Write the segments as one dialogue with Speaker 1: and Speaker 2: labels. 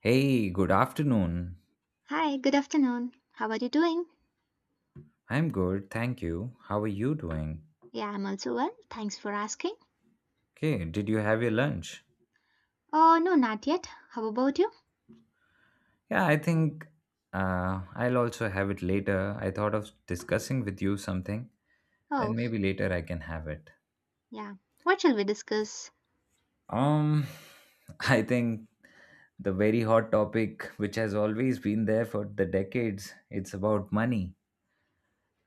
Speaker 1: Hey, good afternoon.
Speaker 2: Hi, good afternoon. How are you doing?
Speaker 1: I'm good, thank you. How are you doing?
Speaker 2: Yeah, I'm also well. Thanks for asking.
Speaker 1: Okay, did you have your lunch?
Speaker 2: Oh, no, not yet. How about you?
Speaker 1: Yeah, I think I'll also have it later. I thought of discussing with you something,
Speaker 2: Oh,
Speaker 1: then maybe later I can have it.
Speaker 2: yeah. What shall we discuss?
Speaker 1: Um, I think the very hot topic, which has always been there for the decades, it's about money.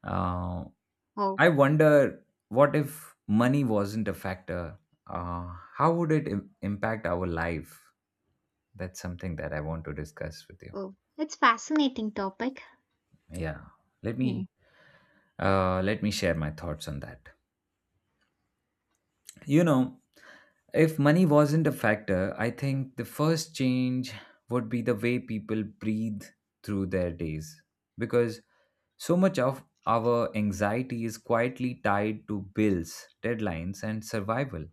Speaker 1: Um,
Speaker 2: Oh,
Speaker 1: I wonder what if money wasn't a factor? How would it impact our life? That's something that I want to discuss with you.
Speaker 2: oh, it's fascinating topic.
Speaker 1: Yeah, let
Speaker 2: Hmm.
Speaker 1: me let me share my thoughts on that. You know, if money wasn't a factor, I think the first change would be the way people breathe through their days, because so much of our anxiety is quietly tied to bills, deadlines, and survival.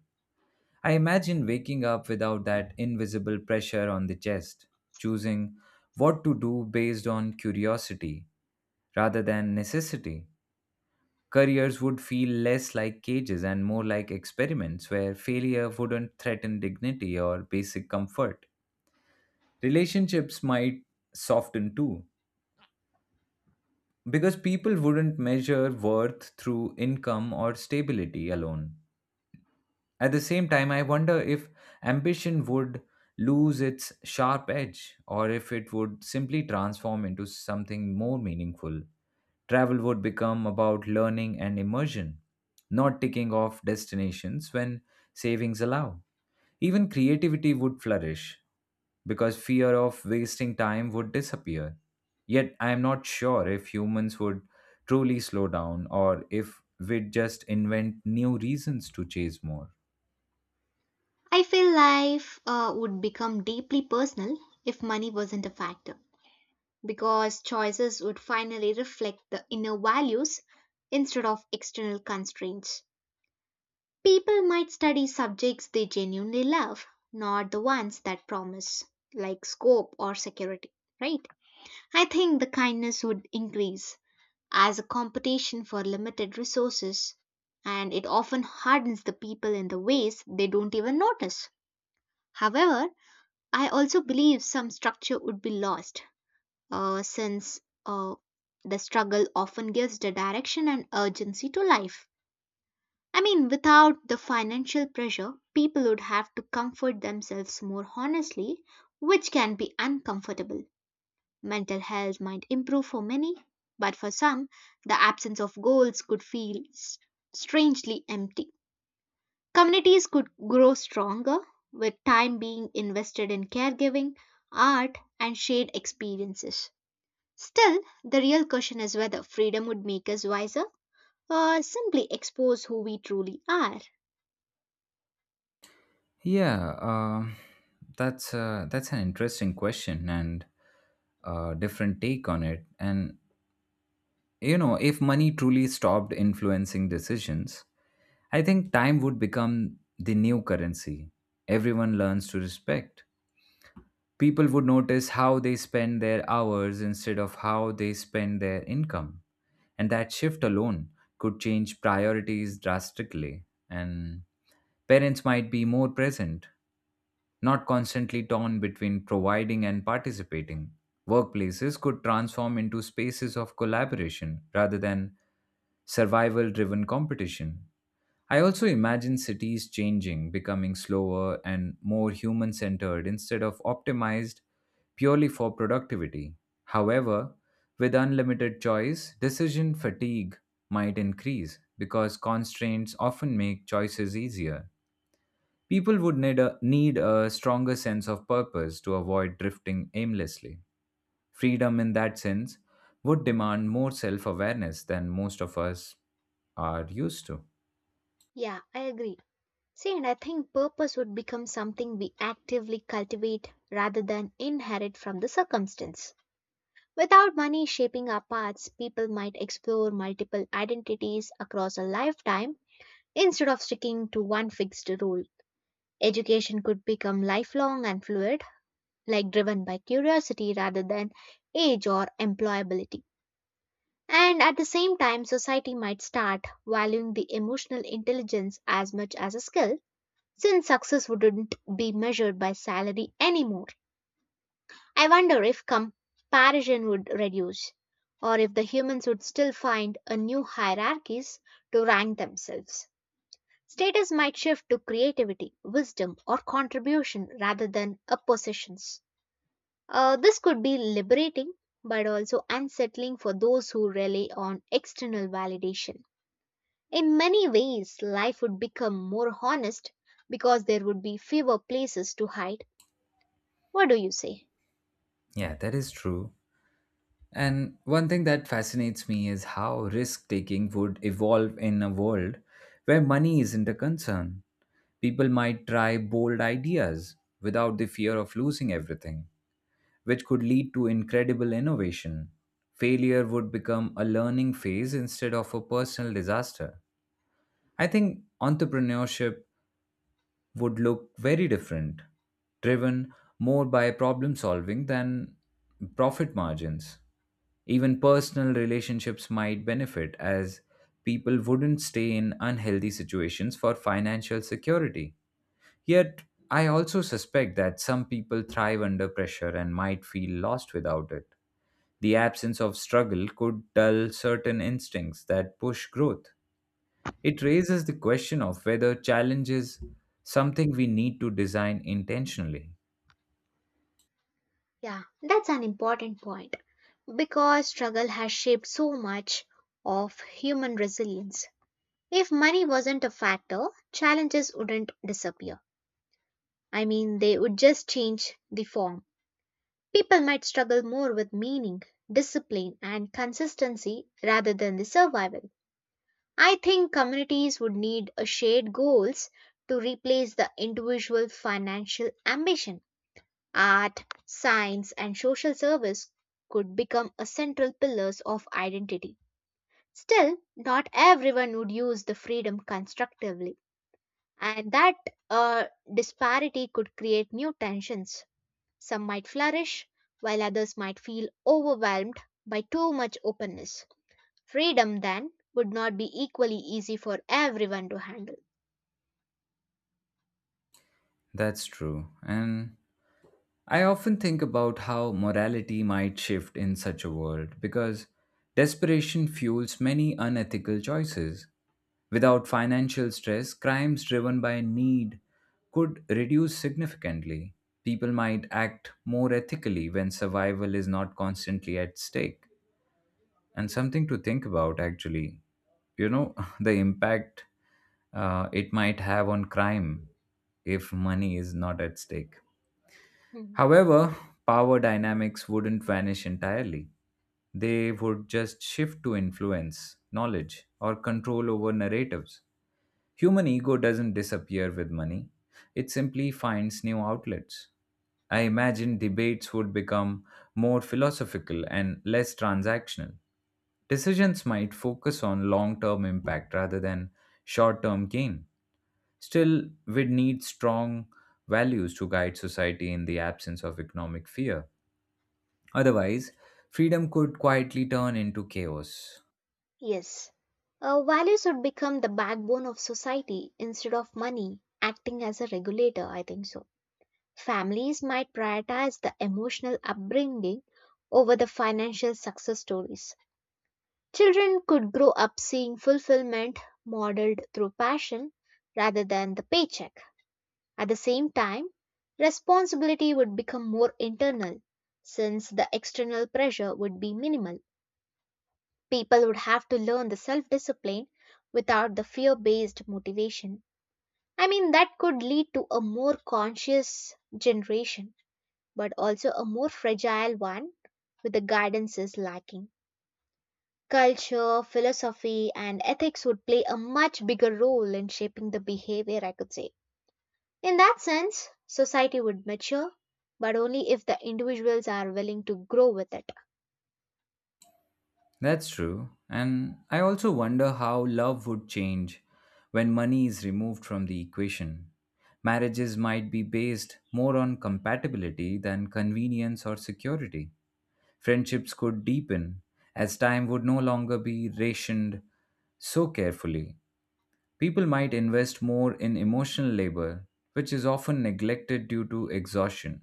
Speaker 1: I imagine waking up without that invisible pressure on the chest, choosing what to do based on curiosity rather than necessity. Careers would feel less like cages and more like experiments where failure wouldn't threaten dignity or basic comfort. Relationships might soften too, because people wouldn't measure worth through income or stability alone. At the same time, I wonder if ambition would lose its sharp edge or if it would simply transform into something more meaningful. Travel would become about learning and immersion, not ticking off destinations when savings allow. Even creativity would flourish because fear of wasting time would disappear. Yet I am not sure if humans would truly slow down or if we'd just invent new reasons to chase more.
Speaker 2: I feel life would become deeply personal if money wasn't a factor because choices would finally reflect the inner values instead of external constraints. People might study subjects they genuinely love, not the ones that promise, like scope or security, right? I think the kindness would increase as a competition for limited resources, and it often hardens the people in the ways they don't even notice. However, I also believe some structure would be lost, since the struggle often gives the direction and urgency to life. I mean, without the financial pressure, people would have to comfort themselves more honestly, which can be uncomfortable. Mental health might improve for many, but for some, the absence of goals could feel strangely empty. Communities could grow stronger with time being invested in caregiving, art, and shared experiences. Still, the real question is whether freedom would make us wiser or simply expose who we truly are.
Speaker 1: Yeah, that's an interesting question and different take on it. And if money truly stopped influencing decisions, I think time would become the new currency. Everyone learns to respect. People would notice how they spend their hours instead of how they spend their income, and that shift alone could change priorities drastically. And parents might be more present not constantly torn between providing and participating. Workplaces could transform into spaces of collaboration rather than survival driven competition. I also imagine cities changing, becoming slower and more human centered instead of optimized purely for productivity. However, with unlimited choice, decision fatigue might increase because constraints often make choices easier. People would need a stronger sense of purpose to avoid drifting aimlessly. Freedom, in that sense, would demand more self awareness than most of us are used to.
Speaker 2: Yeah, I agree. See, and I think purpose would become something we actively cultivate rather than inherit from the circumstance. Without money shaping our paths, people might explore multiple identities across a lifetime instead of sticking to one fixed rule. Education could become lifelong and fluid, like driven by curiosity rather than age or employability. And at the same time, society might start valuing the emotional intelligence as much as a skill since success wouldn't be measured by salary anymore. I wonder if comparison would reduce, or if the humans would still find a new hierarchies to rank themselves. Status might shift to creativity, wisdom, or contribution rather than a possessions. This could be liberating, but also unsettling for those who rely on external validation. In many ways, life would become more honest because there would be fewer places to hide. What do you say?
Speaker 1: Yeah, that is true. And one thing that fascinates me is how risk taking would evolve in a world where money isn't a concern. People might try bold ideas without the fear of losing everything which could lead to incredible innovation. Failure would become a learning phase instead of a personal disaster. I think entrepreneurship would look very different, driven more by problem solving than profit margins. Even personal relationships might benefit as people wouldn't stay in unhealthy situations for financial security. Yet, I also suspect that some people thrive under pressure and might feel lost without it. The absence of struggle could dull certain instincts that push growth. It raises the question of whether challenge is something we need to design intentionally.
Speaker 2: Yeah, that's an important point because struggle has shaped so much of human resilience. If money wasn't a factor, challenges wouldn't disappear. I mean, they would just change the form. People might struggle more with meaning, discipline, and consistency rather than the survival. I think communities would need a shared goals to replace the individual financial ambition. Art, science, and social service could become a central pillars of identity. Still, not everyone would use the freedom constructively, and that uh, disparity could create new tensions. Some might flourish, while others might feel overwhelmed by too much openness. Freedom, then, would not be equally easy for everyone to handle.
Speaker 1: That's true. And I often think about how morality might shift in such a world because desperation fuels many unethical choices. Without financial stress, crimes driven by need could reduce significantly. People might act more ethically when survival is not constantly at stake. And something to think about, actually. The impact it might have on crime if money is not at stake.
Speaker 2: Hmm.
Speaker 1: However, power dynamics wouldn't vanish entirely. They would just shift to influence, knowledge, or control over narratives. Human ego doesn't disappear with money, it simply finds new outlets. I imagine debates would become more philosophical and less transactional. Decisions might focus on long term impact rather than short term gain. Still, we'd need strong values to guide society in the absence of economic fear. Otherwise, freedom could quietly turn into chaos.
Speaker 2: Yes. Values would become the backbone of society instead of money acting as a regulator, I think so. Families might prioritize the emotional upbringing over the financial success stories. Children could grow up seeing fulfillment modeled through passion rather than the paycheck. At the same time, responsibility would become more internal since the external pressure would be minimal. People would have to learn the self discipline without the fear based motivation. I mean, that could lead to a more conscious generation, but also a more fragile one with the guidance is lacking. Culture, philosophy, and ethics would play a much bigger role in shaping the behavior, I could say. In that sense, society would mature, but only if the individuals are willing to grow with it.
Speaker 1: That's true. And I also wonder how love would change when money is removed from the equation. Marriages might be based more on compatibility than convenience or security. Friendships could deepen as time would no longer be rationed so carefully. People might invest more in emotional labor, which is often neglected due to exhaustion.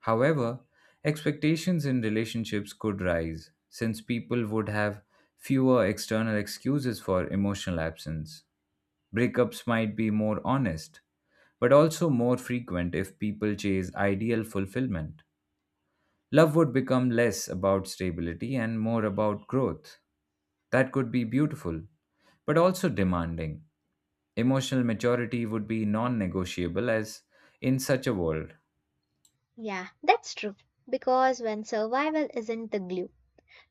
Speaker 1: However, expectations in relationships could rise, since people would have fewer external excuses for emotional absence. Breakups might be more honest, but also more frequent if people chase ideal fulfillment. Love would become less about stability and more about growth. That could be beautiful, but also demanding. Emotional maturity would be non negotiable, as in such a world.
Speaker 2: Yeah, that's true. Because when survival isn't the glue,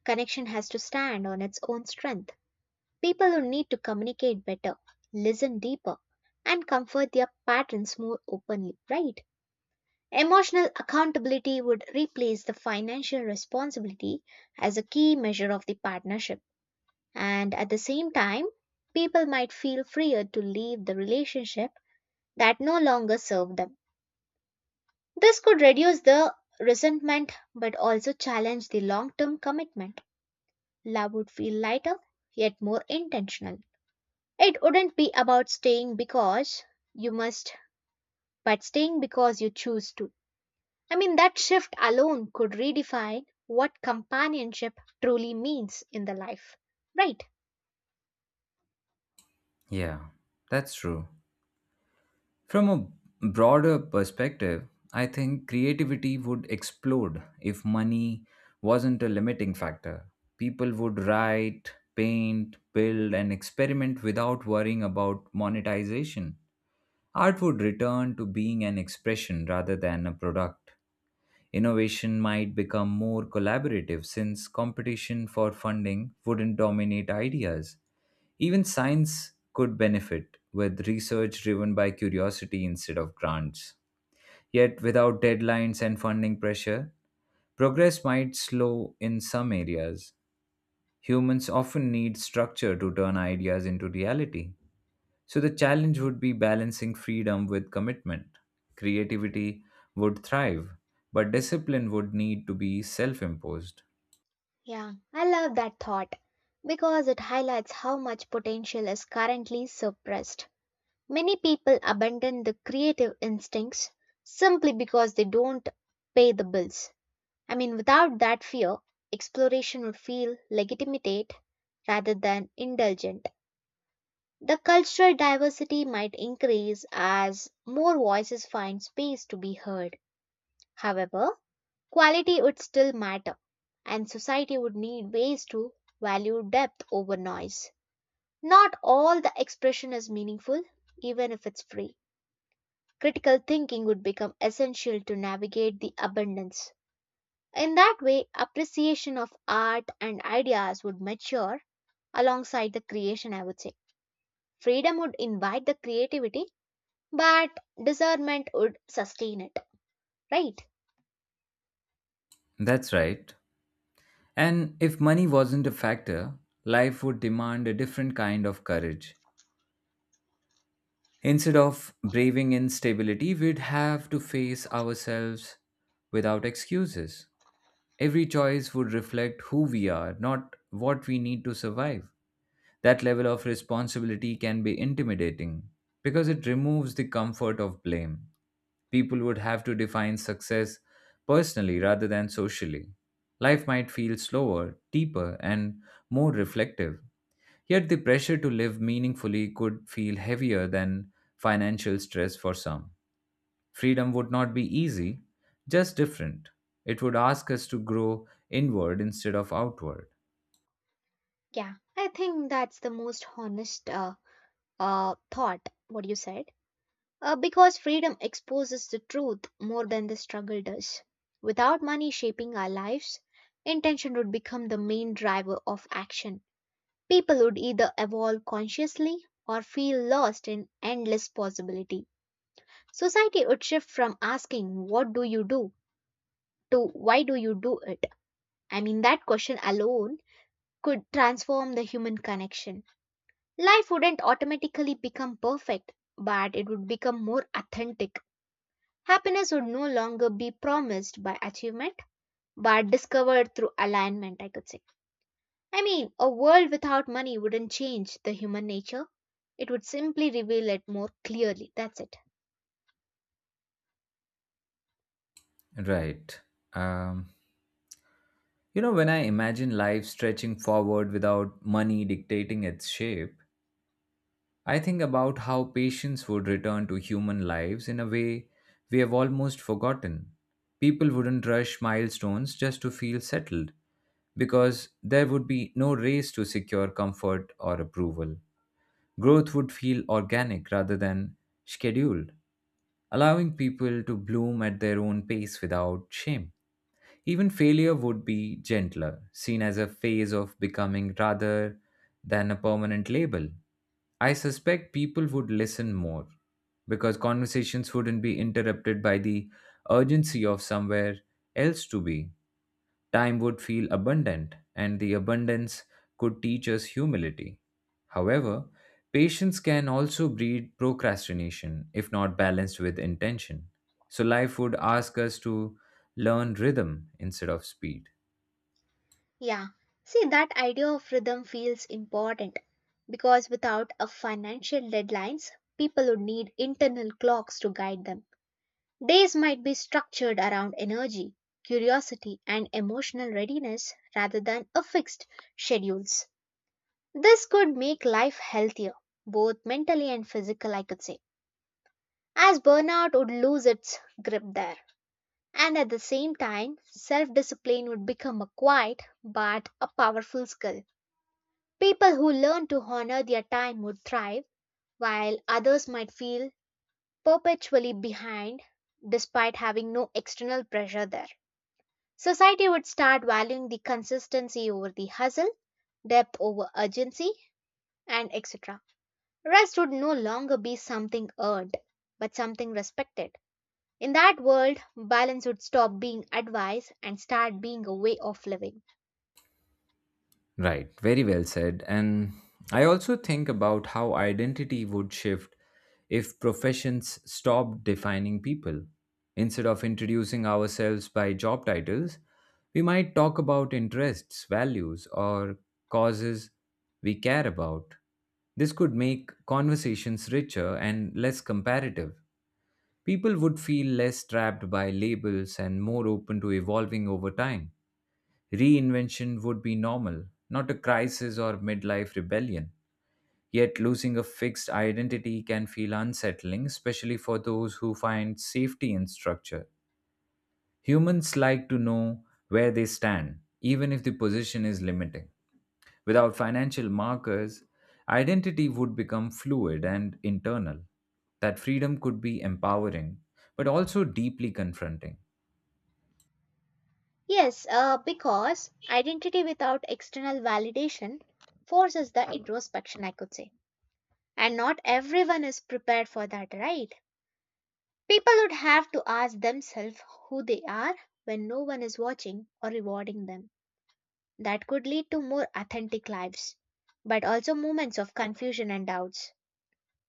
Speaker 2: connection has to stand on its own strength. People who need to communicate better, listen deeper, and comfort their patterns more openly, right? Emotional accountability would replace the financial responsibility as a key measure of the partnership. And at the same time, people might feel freer to leave the relationship that no longer serve them. This could reduce the resentment but also challenge the long term commitment. Love would feel lighter yet more intentional. It wouldn't be about staying because you must, but staying because you choose to. I mean, that shift alone could redefine what companionship truly means in the life. Right?
Speaker 1: Yeah, that's true. From a broader perspective, I think creativity would explode if money wasn't a limiting factor. People would write, paint, build, and experiment without worrying about monetization. Art would return to being an expression rather than a product. Innovation might become more collaborative since competition for funding wouldn't dominate ideas. Even science could benefit with research driven by curiosity instead of grants. Yet, without deadlines and funding pressure, progress might slow in some areas. Humans often need structure to turn ideas into reality. So the challenge would be balancing freedom with commitment. Creativity would thrive, but discipline would need to be self imposed.
Speaker 2: Yeah, I love that thought because it highlights how much potential is currently suppressed. Many people abandon the creative instincts simply because they don't pay the bills. I mean, without that fear, exploration would feel legitimate rather than indulgent. The cultural diversity might increase as more voices find space to be heard. However, quality would still matter, and society would need ways to value depth over noise. Not all the expression is meaningful, even if it's free. Critical thinking would become essential to navigate the abundance. In that way, appreciation of art and ideas would mature alongside the creation, I would say. Freedom would invite the creativity, but discernment would sustain it, right?
Speaker 1: That's right. And if money wasn't a factor, life would demand a different kind of courage. Instead of braving instability, we'd have to face ourselves without excuses. Every choice would reflect who we are, not what we need to survive. That level of responsibility can be intimidating because it removes the comfort of blame. People would have to define success personally rather than socially. Life might feel slower, deeper, and more reflective. Yet the pressure to live meaningfully could feel heavier than financial stress for some. Freedom would not be easy, just different. It would ask us to grow inward instead of outward.
Speaker 2: Yeah, I think that's the most honest thought, what you said. Because freedom exposes the truth more than the struggle does. Without money shaping our lives, intention would become the main driver of action. People would either evolve consciously or feel lost in endless possibility. Society would shift from asking, "What do you do?" to "Why do you do it?" I mean, that question alone could transform the human connection. Life wouldn't automatically become perfect, but it would become more authentic. Happiness would no longer be promised by achievement, but discovered through alignment, I could say. I mean, a world without money wouldn't change the human nature. It would simply reveal it more clearly. That's it.
Speaker 1: Right. Um, when I imagine life stretching forward without money dictating its shape, I think about how patience would return to human lives in a way we have almost forgotten. People wouldn't rush milestones just to feel settled, because there would be no race to secure comfort or approval. Growth would feel organic rather than scheduled, allowing people to bloom at their own pace without shame. Even failure would be gentler, seen as a phase of becoming rather than a permanent label. I suspect people would listen more because conversations wouldn't be interrupted by the urgency of somewhere else to be. Time would feel abundant, and the abundance could teach us humility. However, patience can also breed procrastination if not balanced with intention. So, life would ask us to learn rhythm instead of speed.
Speaker 2: Yeah, see, that idea of rhythm feels important because without a financial deadlines, people would need internal clocks to guide them. Days might be structured around energy, curiosity, and emotional readiness rather than a fixed schedules. This could make life healthier, both mentally and physical, I could say, as burnout would lose its grip there. And at the same time, self discipline would become a quiet but a powerful skill. People who learn to honor their time would thrive, while others might feel perpetually behind despite having no external pressure there. Society would start valuing the consistency over the hustle, depth over urgency, and etc. Rest would no longer be something earned, but something respected. In that world, balance would stop being advice and start being a way of living.
Speaker 1: Right, very well said. And I also think about how identity would shift if professions stopped defining people. Instead of introducing ourselves by job titles, we might talk about interests, values, or causes we care about. This could make conversations richer and less comparative. People would feel less trapped by labels and more open to evolving over time. Reinvention would be normal, not a crisis or midlife rebellion. Yet, losing a fixed identity can feel unsettling, especially for those who find safety in structure. Humans like to know where they stand, even if the position is limiting. Without financial markers, identity would become fluid and internal. That freedom could be empowering, but also deeply confronting.
Speaker 2: Yes, because identity without external validation forces the introspection, I could say. And not everyone is prepared for that, right? People would have to ask themselves who they are when no one is watching or rewarding them. That could lead to more authentic lives, but also moments of confusion and doubts.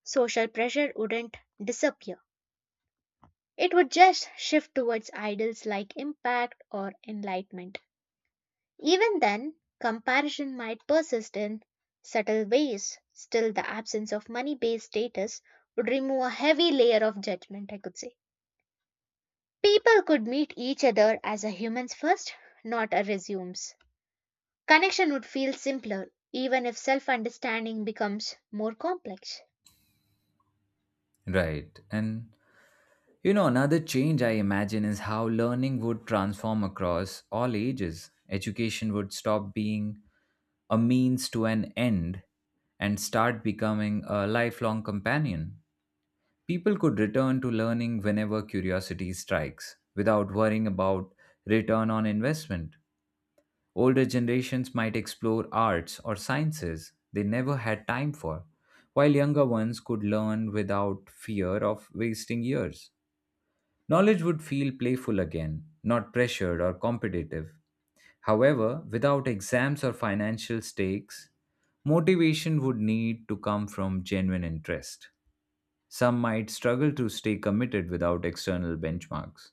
Speaker 2: Social pressure wouldn't disappear. It would just shift towards idols like impact or enlightenment. Even then, comparison might persist in subtle ways. Still, the absence of money based status would remove a heavy layer of judgment, I could say. People could meet each other as a humans first, not a resumes. Connection would feel simpler, even if self understanding becomes more complex.
Speaker 1: Right. And another change I imagine is how learning would transform across all ages. Education would stop being a means to an end and start becoming a lifelong companion. People could return to learning whenever curiosity strikes without worrying about return on investment. Older generations might explore arts or sciences they never had time for, while younger ones could learn without fear of wasting years. Knowledge would feel playful again, not pressured or competitive. However, without exams or financial stakes, motivation would need to come from genuine interest. Some might struggle to stay committed without external benchmarks.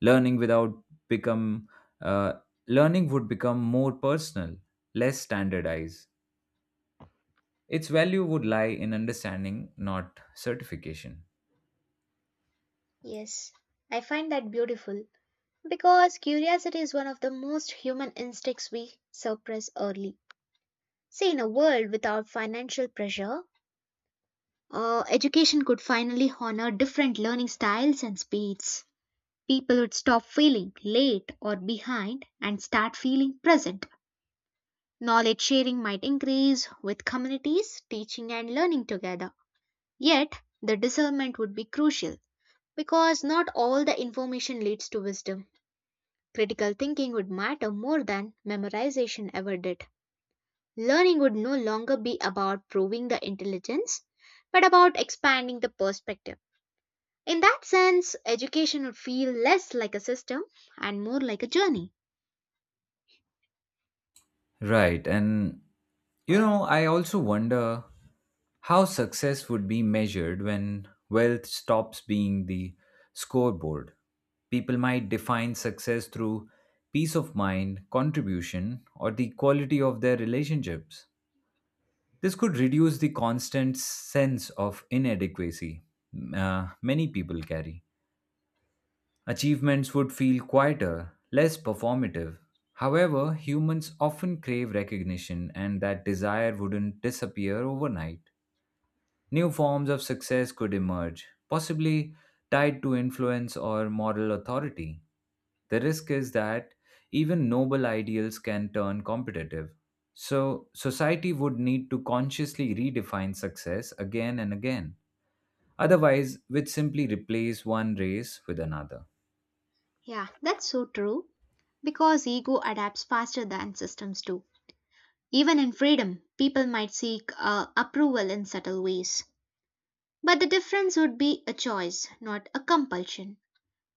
Speaker 1: Learning without become uh, learning would become more personal, less standardized. Its value would lie in understanding, not certification.
Speaker 2: Yes, I find that beautiful. Because curiosity is one of the most human instincts we suppress early. See, in a world without financial pressure, education could finally honor different learning styles and speeds. People would stop feeling late or behind and start feeling present. Knowledge sharing might increase with communities teaching and learning together. Yet, the discernment would be crucial because not all the information leads to wisdom. Critical thinking would matter more than memorization ever did. Learning would no longer be about proving the intelligence, but about expanding the perspective. In that sense, education would feel less like a system and more like a journey.
Speaker 1: Right. And, I also wonder how success would be measured when wealth stops being the scoreboard. People might define success through peace of mind, contribution, or the quality of their relationships. This could reduce the constant sense of inadequacy many people carry. Achievements would feel quieter, less performative. However, humans often crave recognition, and that desire wouldn't disappear overnight. New forms of success could emerge, possibly tied to influence or moral authority. The risk is that even noble ideals can turn competitive. So, society would need to consciously redefine success again and again. Otherwise, we'd simply replace one race with another.
Speaker 2: Yeah, that's so true. Because ego adapts faster than systems do. Even in freedom, people might seek approval in subtle ways. But the difference would be a choice, not a compulsion.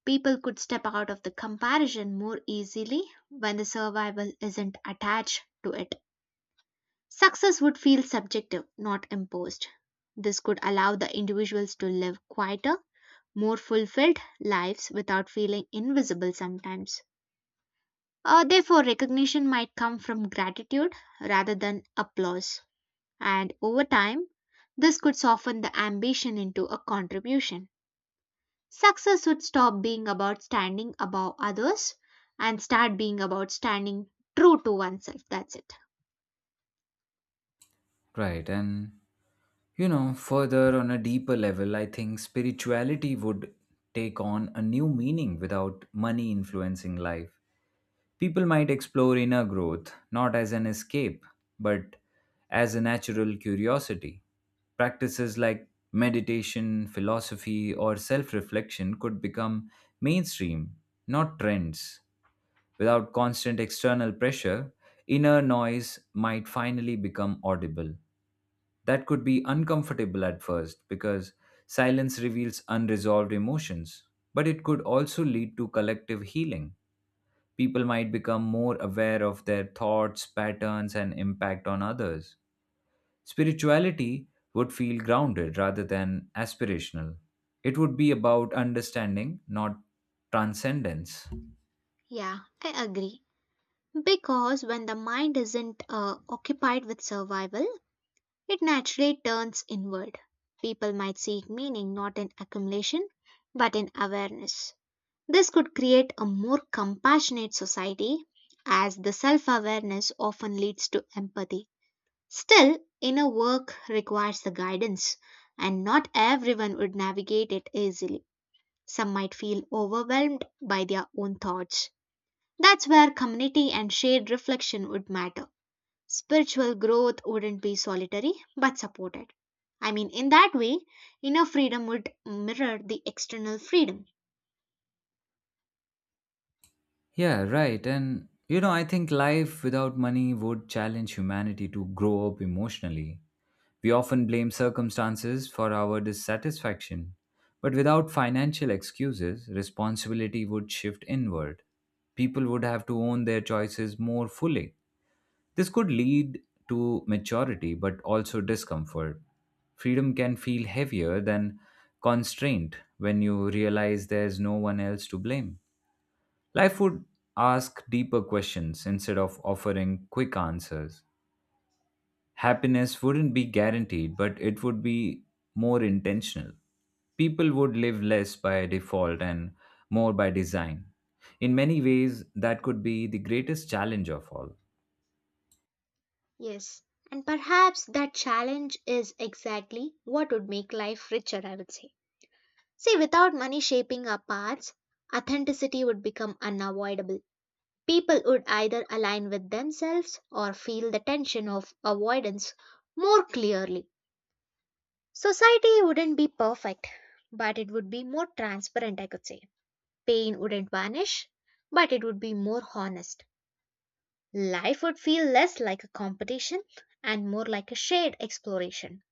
Speaker 2: People could step out of the comparison more easily when the survival isn't attached to it. Success would feel subjective, not imposed. This could allow the individuals to live quieter, more fulfilled lives without feeling invisible sometimes. Therefore, recognition might come from gratitude rather than applause. And over time, this could soften the ambition into a contribution. Success would stop being about standing above others and start being about standing true to oneself. That's it.
Speaker 1: Right, and further on a deeper level, I think spirituality would take on a new meaning without money influencing life. People might explore inner growth not as an escape, but as a natural curiosity. Practices like meditation, philosophy, or self reflection could become mainstream, not trends. Without constant external pressure, inner noise might finally become audible. That could be uncomfortable at first because silence reveals unresolved emotions, but it could also lead to collective healing. People might become more aware of their thoughts, patterns, and impact on others. Spirituality would feel grounded rather than aspirational. It would be about understanding, not transcendence.
Speaker 2: Yeah, I agree. Because when the mind isn't occupied with survival, it naturally turns inward. People might seek meaning not in accumulation, but in awareness. This could create a more compassionate society, as the self awareness often leads to empathy. Still, inner work requires the guidance, and not everyone would navigate it easily. Some might feel overwhelmed by their own thoughts. That's where community and shared reflection would matter. Spiritual growth wouldn't be solitary but supported. I mean, in that way, inner freedom would mirror the external freedom.
Speaker 1: Yeah, right. And I think life without money would challenge humanity to grow up emotionally. We often blame circumstances for our dissatisfaction, but without financial excuses, responsibility would shift inward. People would have to own their choices more fully. This could lead to maturity but also discomfort. Freedom can feel heavier than constraint when you realize there's no one else to blame. Life would ask deeper questions instead of offering quick answers. Happiness wouldn't be guaranteed, but it would be more intentional. People would live less by default and more by design. In many ways, that could be the greatest challenge of all.
Speaker 2: Yes, and perhaps that challenge is exactly what would make life richer, I would say. See, without money shaping our paths, authenticity would become unavoidable. People would either align with themselves or feel the tension of avoidance more clearly. Society wouldn't be perfect, but it would be more transparent, I could say. Pain wouldn't vanish, but it would be more honest. Life would feel less like a competition and more like a shared exploration.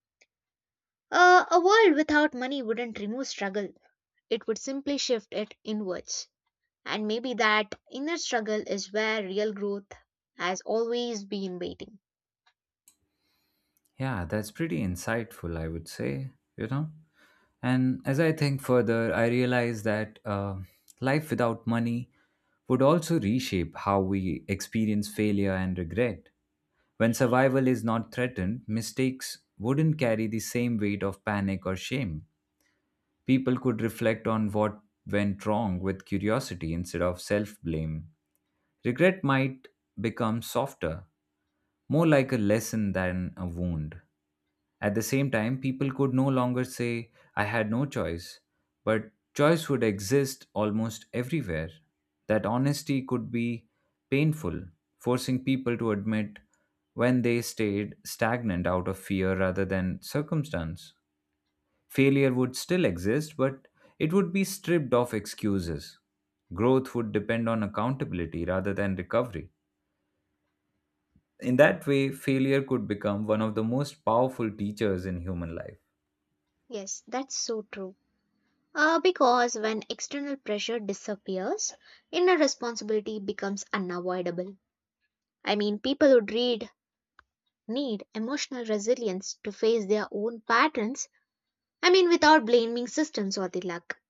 Speaker 2: A world without money wouldn't remove struggle, it would simply shift it inwards. And maybe that inner struggle is where real growth has always been waiting.
Speaker 1: Yeah, that's pretty insightful, I would say, you know? And as I think further, I realize that life without money would also reshape how we experience failure and regret. When survival is not threatened, mistakes wouldn't carry the same weight of panic or shame. People could reflect on what went wrong with curiosity instead of self blame. Regret might become softer, more like a lesson than a wound. At the same time, people could no longer say, I had no choice, but choice would exist almost everywhere. That honesty could be painful, forcing people to admit when they stayed stagnant out of fear rather than circumstance. Failure would still exist, but it would be stripped of excuses. Growth would depend on accountability rather than recovery. In that way, failure could become one of the most powerful teachers in human life.
Speaker 2: Yes, that's so true. Because when external pressure disappears, inner responsibility becomes unavoidable. I mean, people who read need emotional resilience to face their own patterns, I mean, without blaming systems or the luck.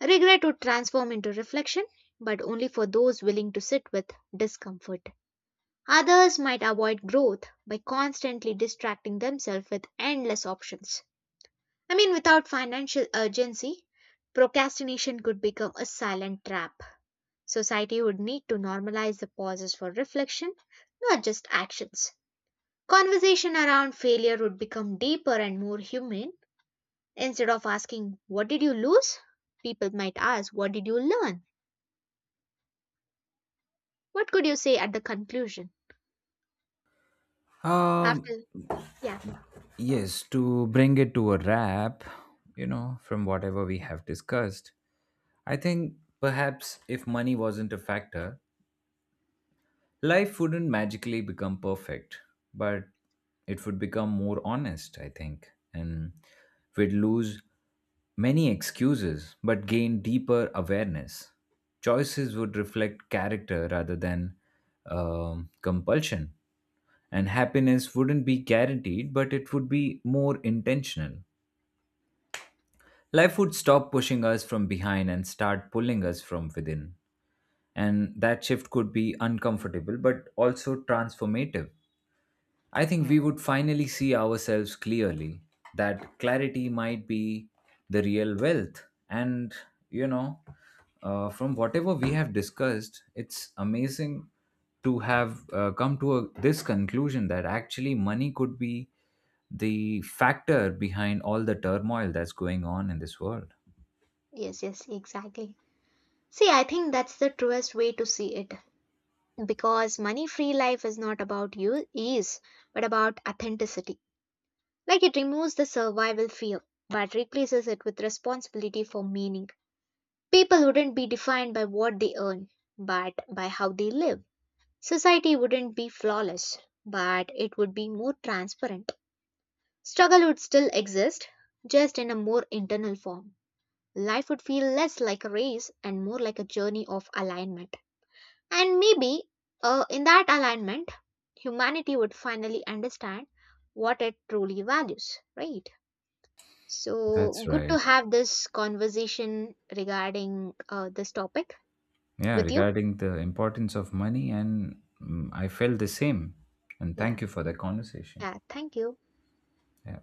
Speaker 2: Regret would transform into reflection, but only for those willing to sit with discomfort. Others might avoid growth by constantly distracting themselves with endless options. I mean, without financial urgency, procrastination could become a silent trap. Society would need to normalize the pauses for reflection, not just actions. Conversation around failure would become deeper and more human. Instead of asking, "What did you lose?" people might ask, "What did you learn?" What could you say at the conclusion? After,
Speaker 1: Um,
Speaker 2: yeah,
Speaker 1: Yes, to bring it to a wrap, from whatever we have discussed, I think perhaps if money wasn't a factor, life wouldn't magically become perfect, but it would become more honest, I think. And we'd lose many excuses, but gain deeper awareness. Choices would reflect character rather than compulsion. And happiness wouldn't be guaranteed, but it would be more intentional. Life would stop pushing us from behind and start pulling us from within. And that shift could be uncomfortable but also transformative. I think we would finally see ourselves clearly. That clarity might be the real wealth. And, you know, from whatever we have discussed, it's amazing to have come to this conclusion that actually money could be the factor behind all the turmoil that's going on in this world.
Speaker 2: yes, exactly. See, I think that's the truest way to see it because money free life is not about you ease but about authenticity. Like it removes the survival fear but replaces it with responsibility for meaning. People wouldn't be defined by what they earn but by how they live. Society wouldn't be flawless but it would be more transparent. Struggle would still exist just in a more internal form. Life would feel less like a race and more like a journey of alignment. And maybe in that alignment, humanity would finally understand what it truly values, right? So,
Speaker 1: That's
Speaker 2: good to
Speaker 1: right.
Speaker 2: have this conversation regarding this topic
Speaker 1: Yeah,
Speaker 2: with you.
Speaker 1: regarding the importance of money, and I felt the same. And
Speaker 2: Yeah,
Speaker 1: thank you for the conversation.
Speaker 2: yeah, thank you.
Speaker 1: Yeah.